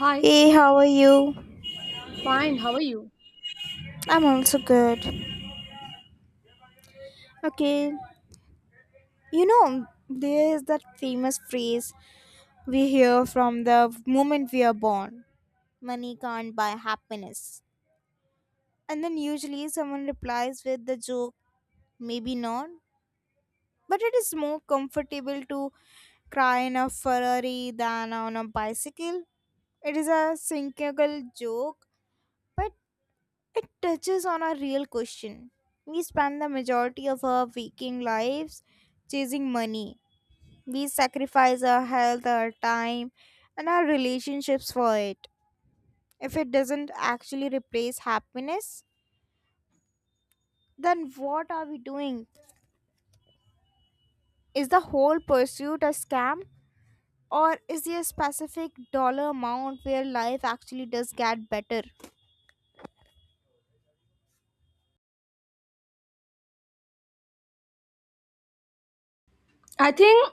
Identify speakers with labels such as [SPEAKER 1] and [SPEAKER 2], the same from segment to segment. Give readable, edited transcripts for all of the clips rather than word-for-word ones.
[SPEAKER 1] Hi,
[SPEAKER 2] Hey, how are you?
[SPEAKER 1] fine, how are you?
[SPEAKER 2] I'm also good. Okay, you know, there is that famous phrase we hear from the moment we are born money can't buy happiness. And then usually someone replies with the joke, maybe not. But it is more comfortable to cry in a Ferrari than on a bicycle. It is a cynical joke, but it touches on a real question. We spend the majority of our waking lives chasing money. We sacrifice our health, our time, and our relationships for it. If it doesn't actually replace happiness, then what are we doing? Is the whole pursuit a scam? Or is there a specific dollar amount where life actually does get better?
[SPEAKER 1] I think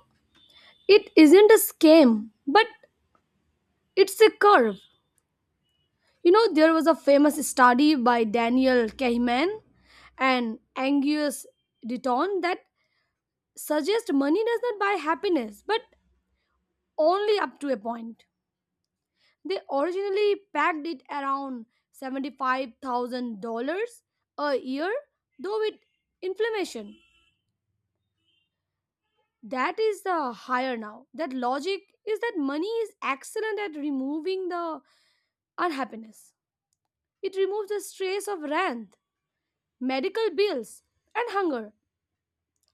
[SPEAKER 1] it isn't a scam, but it's a curve. You know, there was a famous study by Daniel Kahneman and Angus Deaton that suggests money does not buy happiness, but only up to a point. They originally pegged it around $75,000 a year, though with inflammation. That is the higher now. That logic is that money is excellent at removing the unhappiness. It removes the stress of rent, medical bills, and hunger.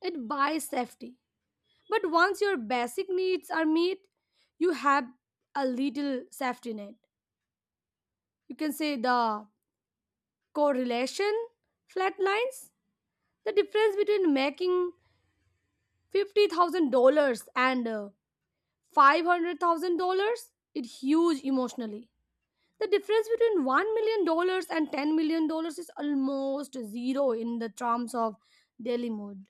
[SPEAKER 1] It buys safety. But once your basic needs are met, you have a little safety net. You can say the correlation flatlines. The difference between making $50,000 and $500,000 is huge emotionally. The difference between $1 million dollars and $10 million dollars is almost zero in the terms of daily mood.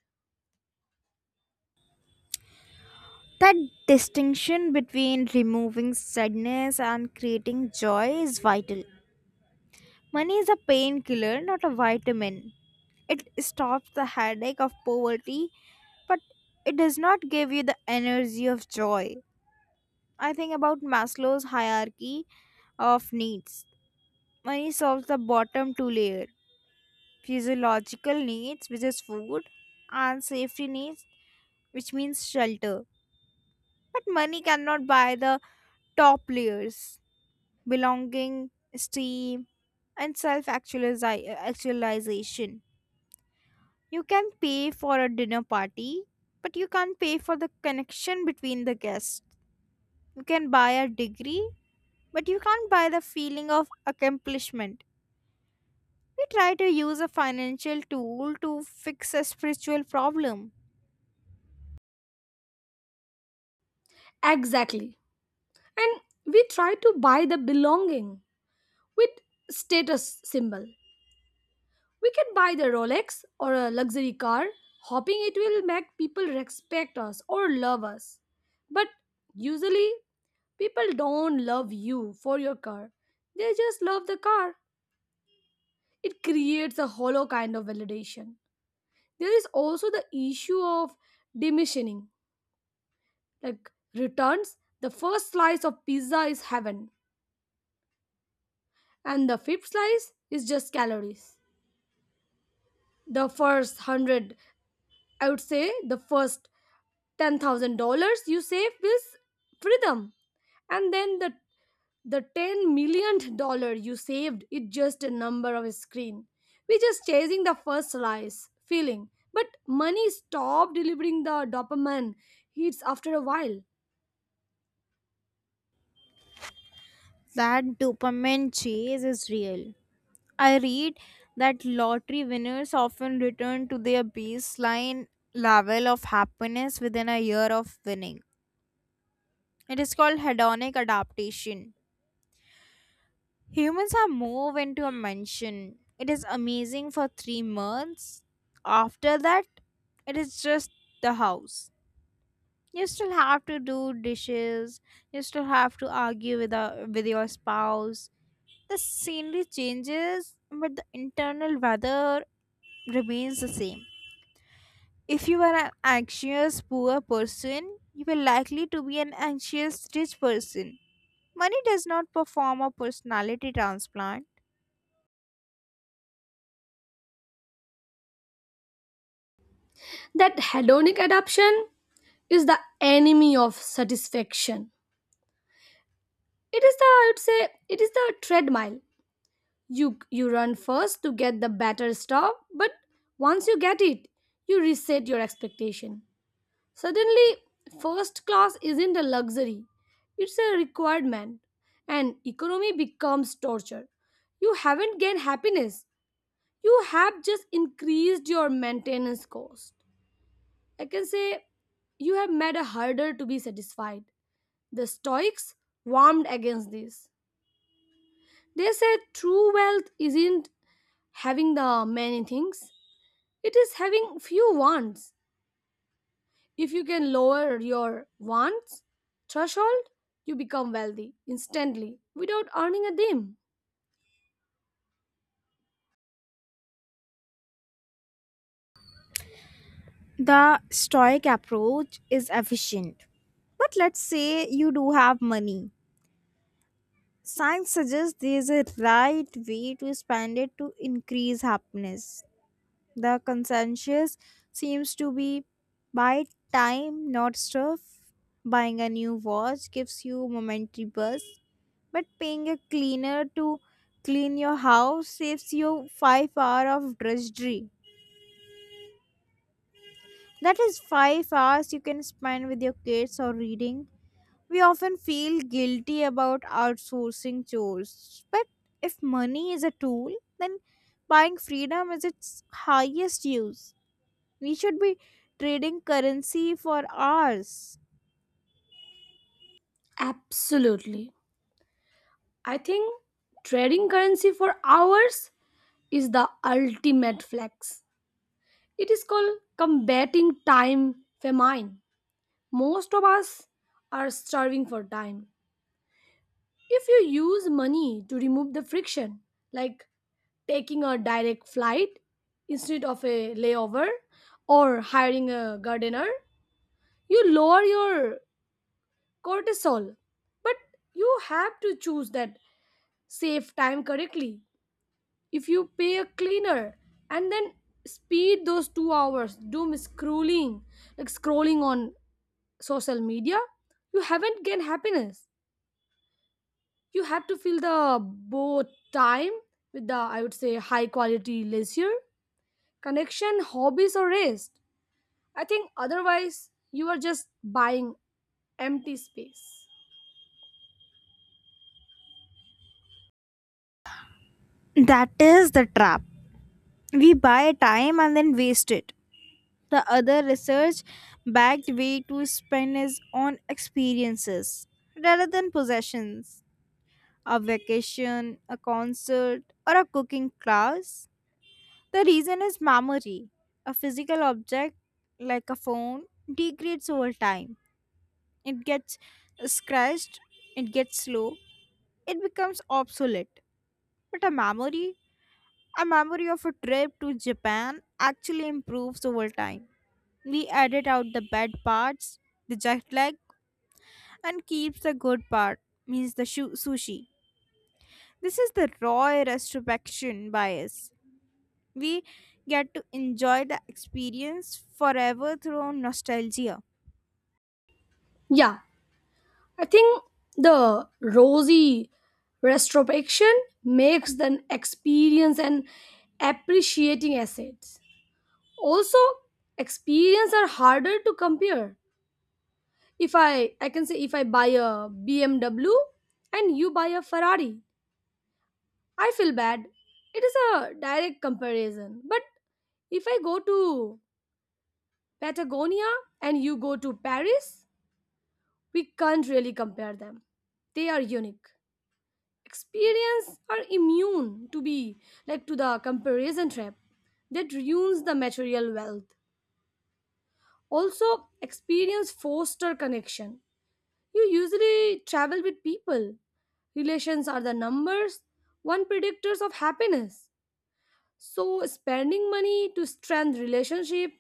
[SPEAKER 2] That distinction between removing sadness and creating joy is vital. Money is a painkiller, not a vitamin. It stops the headache of poverty, but it does not give you the energy of joy. I think about Maslow's hierarchy of needs. Money solves the bottom two layer physiological needs, which is food, and safety needs, which means shelter. But money cannot buy the top layers belonging, esteem, and self actualization. You can pay for a dinner party, but you can't pay for the connection between the guests. You can buy a degree, but you can't buy the feeling of accomplishment. We try to use a financial tool to fix a spiritual problem.
[SPEAKER 1] Exactly. And we try to buy the belonging with status symbol. We can buy the Rolex or a luxury car, hoping it will make people respect us or love us. But usually, people don't love you for your car, they just love the car. It creates a hollow kind of validation. There is also the issue of diminishing, like returns. The first slice of pizza is heaven, and the fifth slice is just calories. The first hundred, I would say, the first $10,000 you save is freedom, and then the 10 million dollar you saved is just a number of a screen. We're just chasing the first slice feeling, but money stopped delivering the dopamine hits after a while.
[SPEAKER 2] That dopamine chase is real. I read that lottery winners often return to their baseline level of happiness within a year of winning. It is called hedonic adaptation. Humans have moved into a mansion. It is amazing for 3 months. After that, it is just the house. You still have to do dishes. You still have to argue with your spouse. The scenery changes, but the internal weather remains the same. If you are an anxious poor person, you will likely to be an anxious rich person. Money does not perform a personality transplant.
[SPEAKER 1] That hedonic adaptation is the enemy of satisfaction. It is the I would say it is the treadmill. You run first to get the better stuff, but once you get it, you reset your expectation. Suddenly, first class isn't a luxury; it's a requirement, and economy becomes torture. You haven't gained happiness; you have just increased your maintenance cost. I can say you have made it harder to be satisfied. The Stoics warmed against this. They said true wealth isn't having the many things, it is having few wants. If you can lower your wants threshold, you become wealthy instantly without earning a dime.
[SPEAKER 2] The stoic approach is efficient. But let's say you do have money. Science suggests there is a right way to spend it to increase happiness. The consensus seems to be buy time, not stuff. Buying a new watch gives you momentary buzz, but paying a cleaner to clean your house saves you 5 hours of drudgery. That is 5 hours you can spend with your kids or reading. We often feel guilty about outsourcing chores, but if money is a tool, then buying freedom is its highest use. We should be trading currency for hours.
[SPEAKER 1] Absolutely. I think trading currency for hours is the ultimate flex. It is called combating time famine. Most of us are starving for time. If you use money to remove the friction, like taking a direct flight instead of a layover or hiring a gardener, you lower your cortisol. But you have to choose that save time correctly. If you pay a cleaner and then speed those 2 hours doom scrolling, like scrolling on social media, you haven't gained happiness. You have to fill the both time with the, I would say, high quality leisure, connection, hobbies or rest. I think otherwise you are just buying empty space.
[SPEAKER 2] That is the trap. We buy time and then waste it. The other research backed way to spend is on experiences rather than possessions. A vacation, a concert, or a cooking class. The reason is memory. A physical object, like a phone, degrades over time. It gets scratched, it gets slow, it becomes obsolete. But a memory of a trip to Japan actually improves over time. We edit out the bad parts, the jet lag, and keeps the good part, means the sushi. This is the raw retrospection bias. We get to enjoy the experience forever through nostalgia.
[SPEAKER 1] Yeah, I think the rosy retrospection makes the experience and appreciating assets, also experience, are harder to compare. If I can say, if I buy a BMW and you buy a Ferrari, I feel bad. It is a direct comparison. But if I go to Patagonia and you go to Paris, we can't really compare them. They are unique. Experience are immune to be like to the comparison trap that ruins the material wealth. Also, experience foster connection. You usually travel with people. Relations are the numbers, one predictors of happiness. So spending money to strengthen relationship,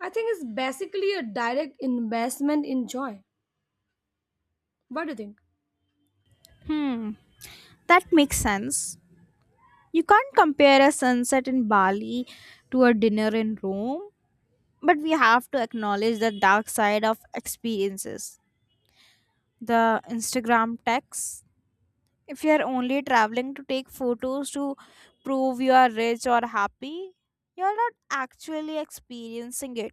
[SPEAKER 1] I think is basically a direct investment in joy. What do you think?
[SPEAKER 2] Hmm, that makes sense. You can't compare a sunset in Bali to a dinner in Rome, but we have to acknowledge the dark side of experiences. The Instagram tax. If you are only traveling to take photos to prove you are rich or happy, you're not actually experiencing it.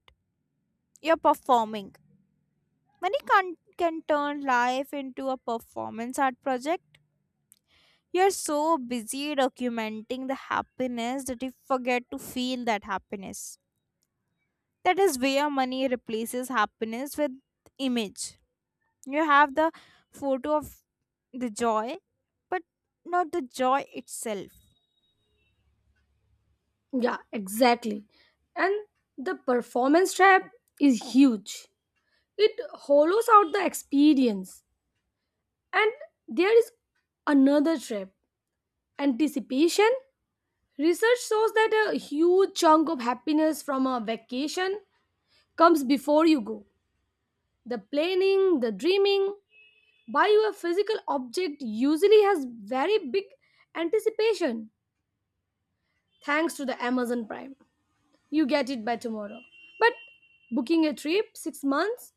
[SPEAKER 2] You're performing. Money can turn life into a performance art project. You're so busy documenting the happiness that you forget to feel that happiness. That is where money replaces happiness with image. You have the photo of the joy, but not the joy itself.
[SPEAKER 1] Yeah, exactly. And the performance trap is huge. It hollows out the experience. And there is another trap, anticipation. Research shows that a huge chunk of happiness from a vacation comes before you go. The planning, the dreaming, buying a physical object usually has very big anticipation thanks to the Amazon Prime. You get it by tomorrow. But booking a trip 6 months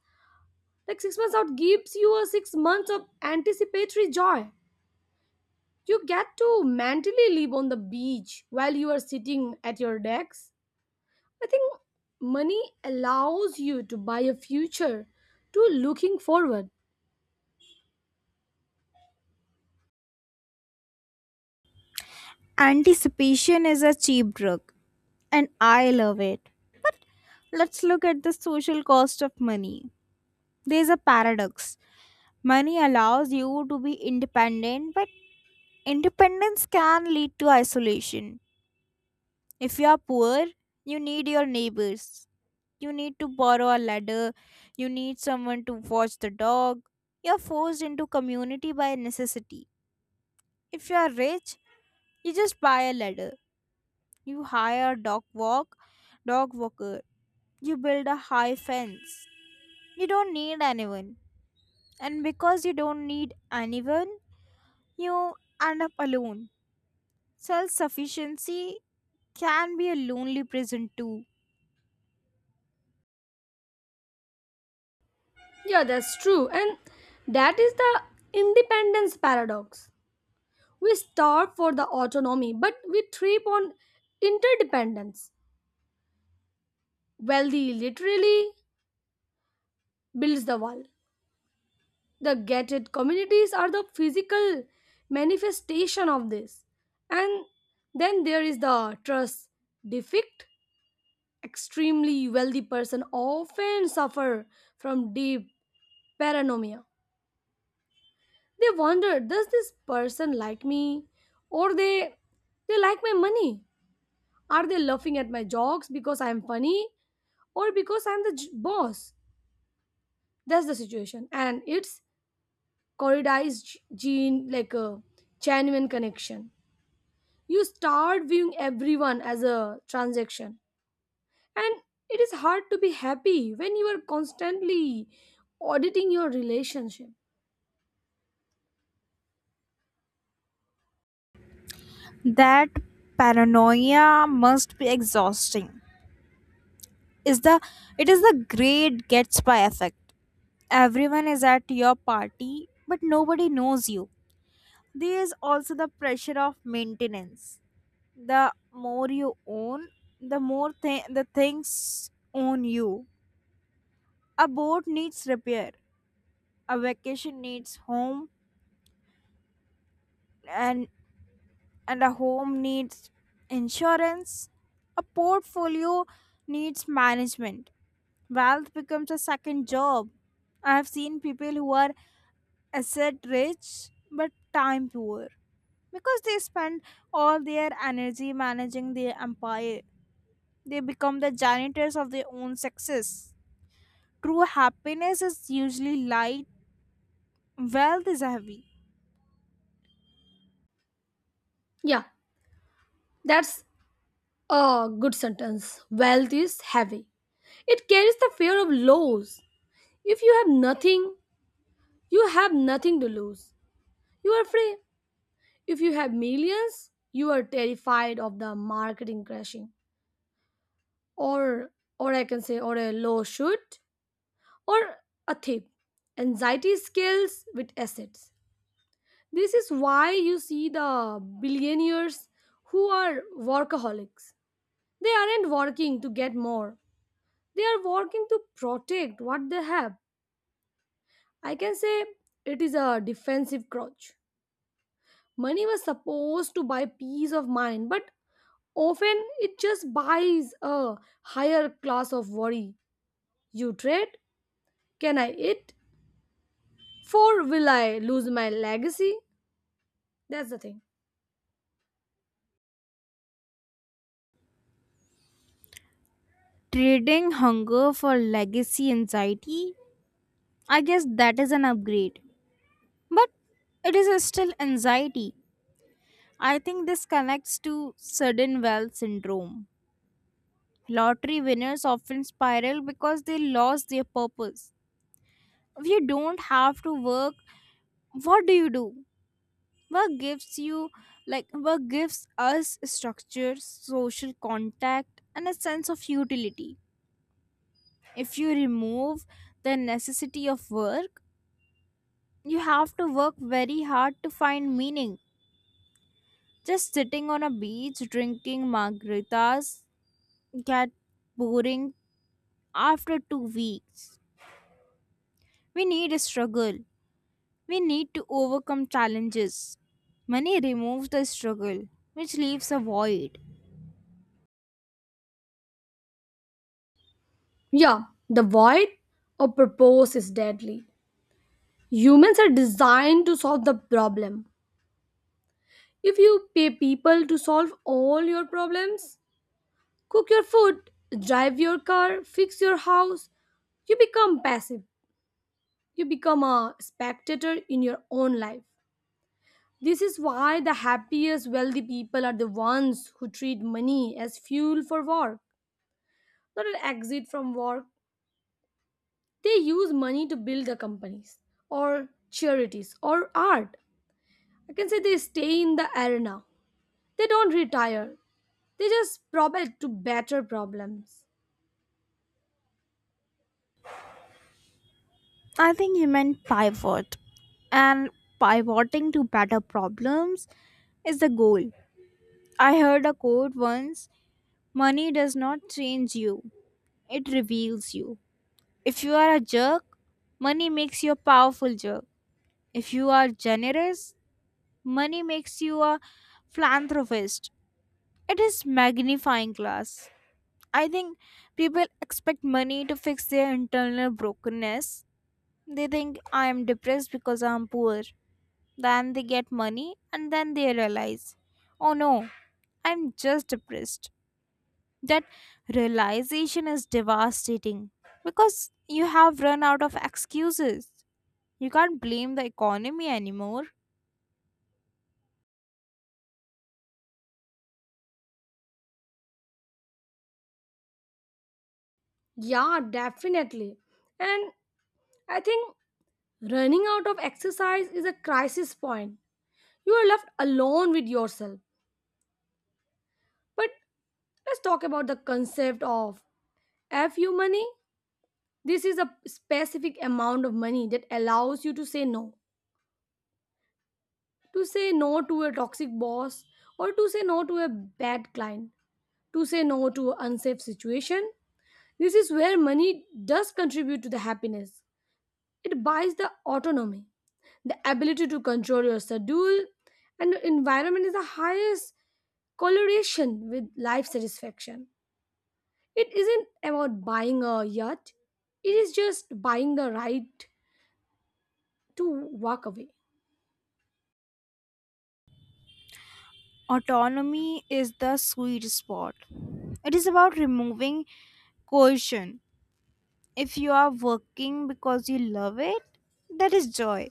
[SPEAKER 1] like 6 months out gives you a 6 months of anticipatory joy. You get to mentally live on the beach while you are sitting at your decks. I think money allows you to buy a future to looking forward.
[SPEAKER 2] Anticipation is a cheap drug, and I love it. Let's look at the social cost of money. There's a paradox. Money allows you to be independent, but independence can lead to isolation. If you are poor, you need your neighbors. You need to borrow a ladder. You need someone to watch the dog. You're forced into community by necessity. If you are rich, you just buy a ladder. You hire a dog walker. You build a high fence. You don't need anyone. And because you don't need anyone, you end up alone. Self sufficiency can be a lonely prison too.
[SPEAKER 1] Yeah, that's true. And that is the independence paradox. We starve for the autonomy, but we trip on interdependence. Wealthy literally builds the wall. The gated communities are the physical manifestation of this. And then there is the trust defect. Extremely wealthy person often suffer from deep paranoia. They wonder, does this person like me? Or they like my money? Are they laughing at my jokes because I am funny? Or because I'm the boss. That's the situation. And it's corridized gene, like a genuine connection. You start viewing everyone as a transaction. And it is hard to be happy when you are constantly auditing your relationship.
[SPEAKER 2] That paranoia must be exhausting. Is the It is the great Gatsby effect. Everyone is at your party, but nobody knows you. There is also the pressure of maintenance. The more you own, the more the things own you. A boat needs repair. A vacation needs home, and and a home needs insurance. A portfolio needs management. Wealth becomes a second job. I have seen people who are asset rich but time poor because they spend all their energy managing their empire. They become the janitors of their own success. True happiness is usually light, wealth is heavy.
[SPEAKER 1] Yeah, that's a good sentence. Wealth is heavy. It carries the fear of loss. If you have nothing, you have nothing to lose. You are free. If you have millions, you are terrified of the marketing crashing, or or I can say, or a low shoot, or a tip. Anxiety scales with assets. This is why you see the billionaires who are workaholics. They aren't working to get more. They are working to protect what they have. I can say it is a defensive crouch. Money was supposed to buy peace of mind, but often it just buys a higher class of worry. You trade, can I eat? For will I lose my legacy? That's the thing.
[SPEAKER 2] Trading hunger for legacy anxiety, I guess that is an upgrade. But it is still anxiety. I think this connects to sudden wealth syndrome. Lottery winners often spiral because they lost their purpose. If you don't have to work, what do you do? Work work gives us structure, social contact, and a sense of utility. If you remove the necessity of work, you have to work very hard to find meaning. Just sitting on a beach drinking margaritas get boring after 2 weeks. We need a struggle. We need to overcome challenges. Money removes the struggle, which leaves a void.
[SPEAKER 1] Yeah, the void of purpose is deadly. Humans are designed to solve the problem. If you pay people to solve all your problems, cook your food, drive your car, fix your house, you become passive. You become a spectator in your own life. This is why the happiest, wealthy people are the ones who treat money as fuel for work, not an exit from work. They use money to build their companies, or charities, or art. I can say they stay in the arena. They don't retire, they just propel to better problems.
[SPEAKER 2] I think you meant pivot. And pivoting to better problems is the goal. I heard a quote once money does not change you, it reveals you. If you are a jerk, money makes you a powerful jerk. If you are generous, money makes you a philanthropist. It is magnifying glass. I think people expect money to fix their internal brokenness. They think I am depressed because I am poor. Then they get money and then they realize, oh no, I'm just depressed. That realization is devastating because you have run out of excuses. You can't blame the economy anymore.
[SPEAKER 1] Yeah, definitely. And I think running out of exercise is a crisis point. You are left alone with yourself. But let's talk about the concept of FU money. This is a specific amount of money that allows you to say no. To say no to a toxic boss or to say no to a bad client, to say no to an unsafe situation. This is where money does contribute to the happiness. It buys the autonomy, the ability to control your schedule, and the environment is the highest correlation with life satisfaction. It isn't about buying a yacht, it is just buying the right to walk away.
[SPEAKER 2] Autonomy is the sweet spot. It is about removing coercion if you are working because you love it, that is joy.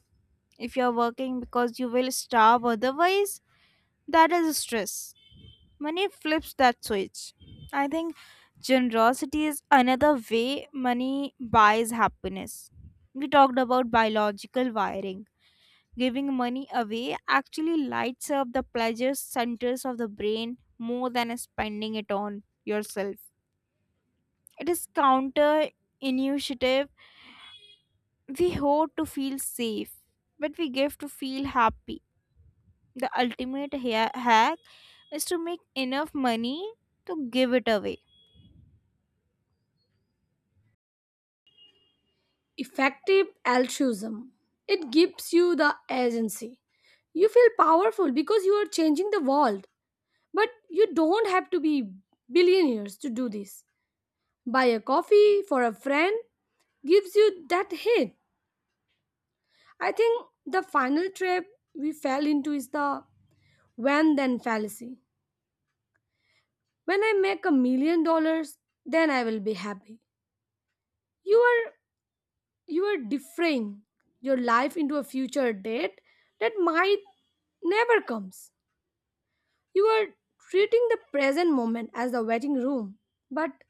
[SPEAKER 2] If you are working because you will starve otherwise, that is stress. Money flips that switch. I think generosity is another way money buys happiness. We talked about biological wiring. Giving money away actually lights up the pleasure centers of the brain more than spending it on yourself. It is counter. We hoard to feel safe, but we give to feel happy. The ultimate hack is to make enough money to give it away.
[SPEAKER 1] Effective altruism. It gives you the agency. You feel powerful because you are changing the world. But you don't have to be billionaires to do this. Buy a coffee for a friend gives you that hit. I think the final trap we fell into is the when then fallacy. When I make $1 million, then I will be happy. You are you are deferring your life into a future date that might never comes. You are treating the present moment as the waiting room, but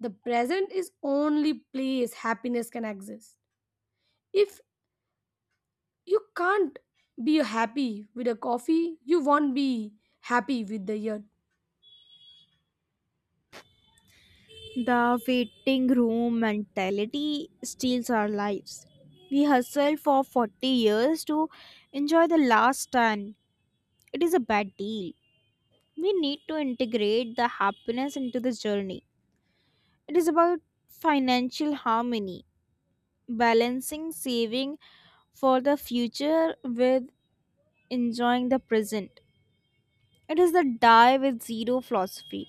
[SPEAKER 1] the present is only place happiness can exist. If you can't be happy with a coffee, you won't be happy with the year.
[SPEAKER 2] The waiting room mentality steals our lives. We hustle for 40 years to enjoy the last 10. It is a bad deal. We need to integrate the happiness into the journey. It is about financial harmony, balancing saving for the future with enjoying the present. It is the die with zero philosophy.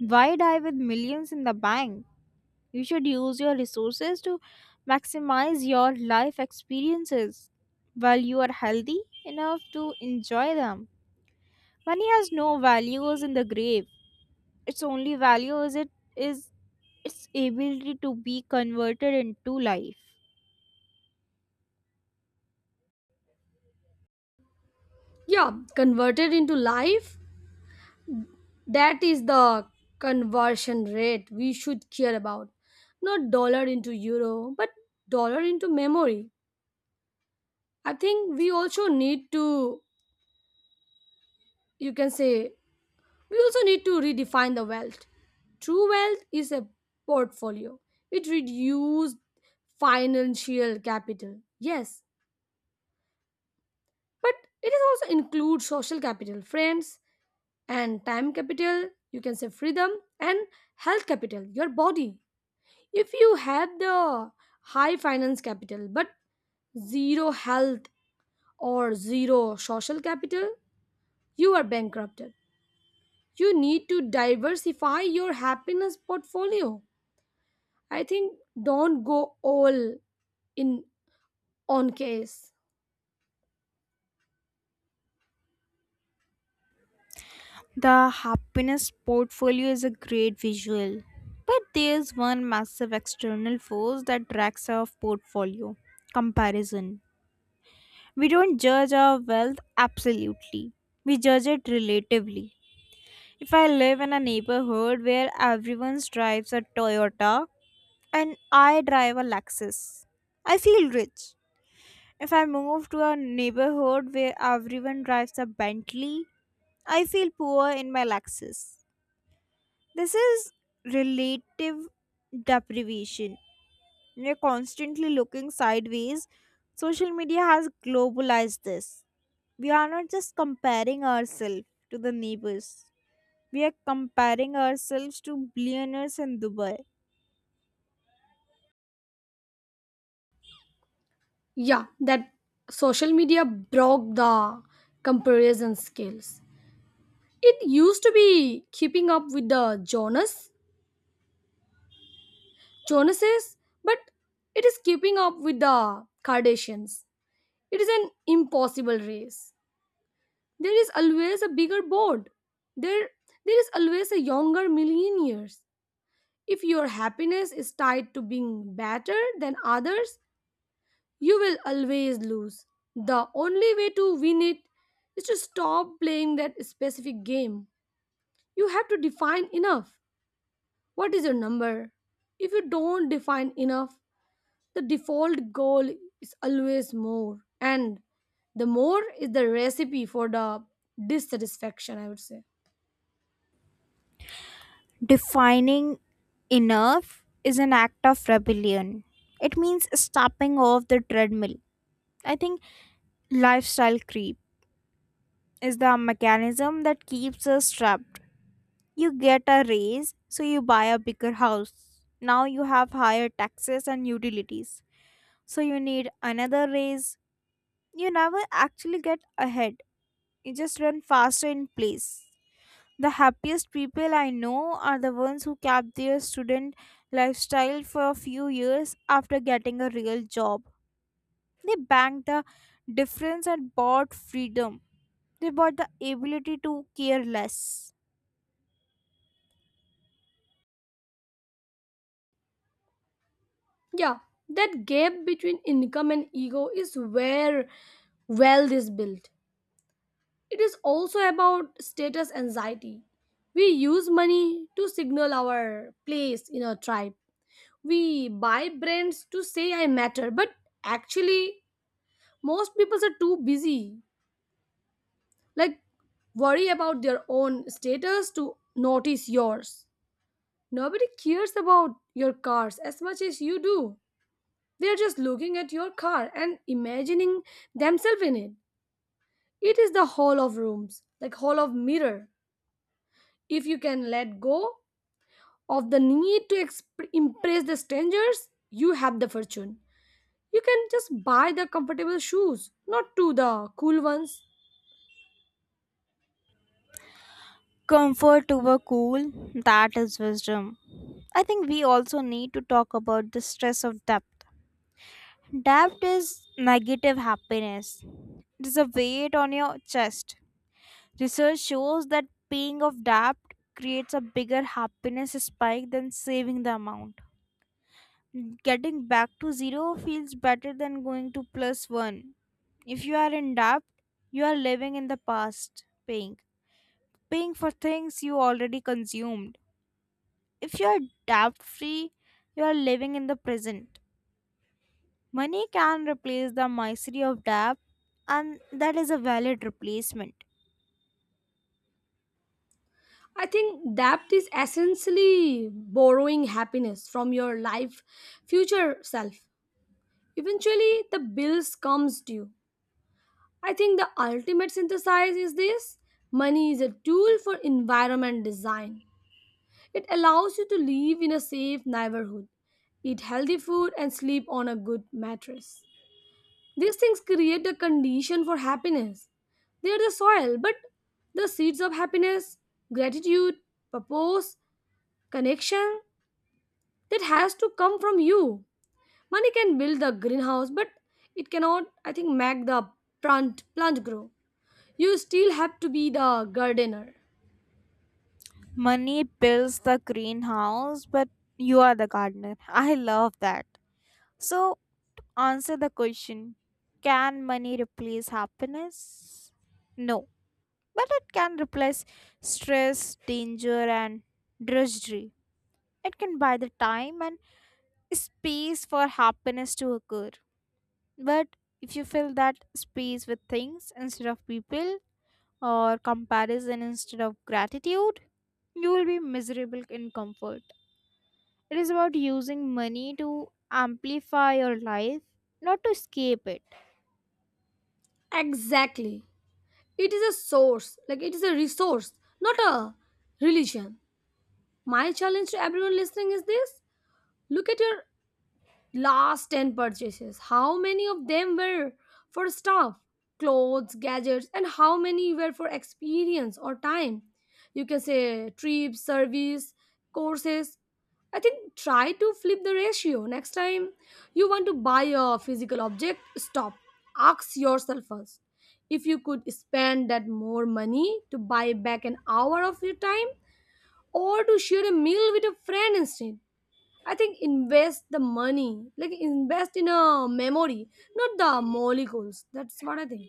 [SPEAKER 2] Why die with millions in the bank? You should use your resources to maximize your life experiences while you are healthy enough to enjoy them. Money has no values in the grave. Its only value is it is its ability to be converted into life.
[SPEAKER 1] Yeah, converted into life. That is the conversion rate we should care about. Not dollar into euro, but dollar into memory. I think we also need to, you can say, we also need to redefine the wealth. True wealth is a portfolio, it reduces financial capital. Yes, but it is also includes social capital, friends, and time capital, you can say freedom, and health capital, your body. If you had the high finance capital but zero health or zero social capital, you are bankrupted. You need to diversify your happiness portfolio. I think don't go all in on case.
[SPEAKER 2] The happiness portfolio is a great visual, but there's one massive external force that drags our portfolio comparison. We don't judge our wealth absolutely, we judge it relatively. If I live in a neighborhood where everyone drives a Toyota and I drive a Lexus, I feel rich. If I move to a neighborhood where everyone drives a Bentley, I feel poor in my Lexus. This is relative deprivation. We're constantly looking sideways. Social media has globalized this. We are not just comparing ourselves to the neighbors, we are comparing ourselves to billionaires in Dubai.
[SPEAKER 1] Yeah, that social media broke the comparison skills. It used to be keeping up with the Jonases, but it is keeping up with the Kardashians. It is an impossible race. There is always a bigger board. There, there is always a younger millionaires. If your happiness is tied to being better than others, you will always lose. The only way to win it is to stop playing that specific game. You have to define enough. What is your number? If you don't define enough, the default goal is always more and the more is the recipe for the dissatisfaction, I would say.
[SPEAKER 2] Defining enough is an act of rebellion. It means stepping off the treadmill. I think lifestyle creep is the mechanism that keeps us trapped. You get a raise, so you buy a bigger house. Now you have higher taxes and utilities. So you need another raise. You never actually get ahead. You just run faster in place. The happiest people I know are the ones who kept their student lifestyle for a few years after getting a real job. They banked the difference and bought freedom. They bought the ability to care less.
[SPEAKER 1] Yeah, that gap between income and ego is where wealth is built. It is also about status anxiety. We use money to signal our place in a tribe. We buy brands to say I matter. But actually most people are too busy, like, worry about their own status to notice yours. Nobody cares about your cars as much as you do. They are just looking at your car and imagining themselves in it. It is the hall of rooms, like hall of mirror. If you can let go of the need to impress the strangers, you have the fortune. You can just buy the comfortable shoes, not to the cool ones.
[SPEAKER 2] Comfort over cool, that is wisdom. I think we also need to talk about the stress of debt. Debt is negative happiness, it is a weight on your chest. Research shows that paying off debt creates a bigger happiness spike than saving the amount. Getting back to zero feels better than going to plus one. If you are in debt, you are living in the past, paying. Paying for things you already consumed. If you're debt free, you're living in the present. Money can replace the misery of debt, and that is a valid replacement.
[SPEAKER 1] I think debt is essentially borrowing happiness from your life future self. Eventually the bills comes due. I think the ultimate synthesis is this: money is a tool for environment design. It allows you to live in a safe neighborhood, eat healthy food and sleep on a good mattress. These things create the condition for happiness. They are the soil, but the seeds of happiness, gratitude, purpose, connection, that has to come from you. Money can build the greenhouse, but it cannot, I think, make the plant grow. You still have to be the gardener.
[SPEAKER 2] Money builds the greenhouse, but you are the gardener. I love that. So, answer the question, can money replace happiness? No, but it can replace stress, danger, and drudgery. It can buy the time and space for happiness to occur. But if you fill that space with things instead of people, or comparison instead of gratitude, you will be miserable in comfort. It is about using money to amplify your life, not to escape it.
[SPEAKER 1] Exactly. It is a source, like it is a resource, not a religion. My challenge to everyone listening is this: look at your last 10 purchases. How many of them were for stuff, clothes, gadgets, and how many were for experience or time, you can say trips, service, courses. I think try to flip the ratio. Next time you want to buy a physical object, stop, ask yourself first, if you could spend that more money to buy back an hour of your time or to share a meal with a friend instead. I think invest the money, like invest in a memory, not the molecules. That's what I think.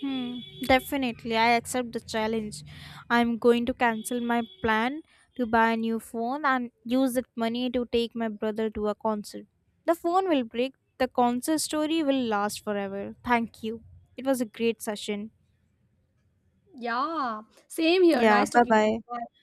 [SPEAKER 2] Hmm, definitely, I accept the challenge. I'm going to cancel my plan to buy a new phone and use that money to take my brother to a concert. The phone will break, the concert story will last forever. Thank you. It was a great session.
[SPEAKER 1] Yeah, same here.
[SPEAKER 2] Yeah,
[SPEAKER 1] Nice
[SPEAKER 2] bye
[SPEAKER 1] talking to
[SPEAKER 2] bye.
[SPEAKER 1] you. Bye.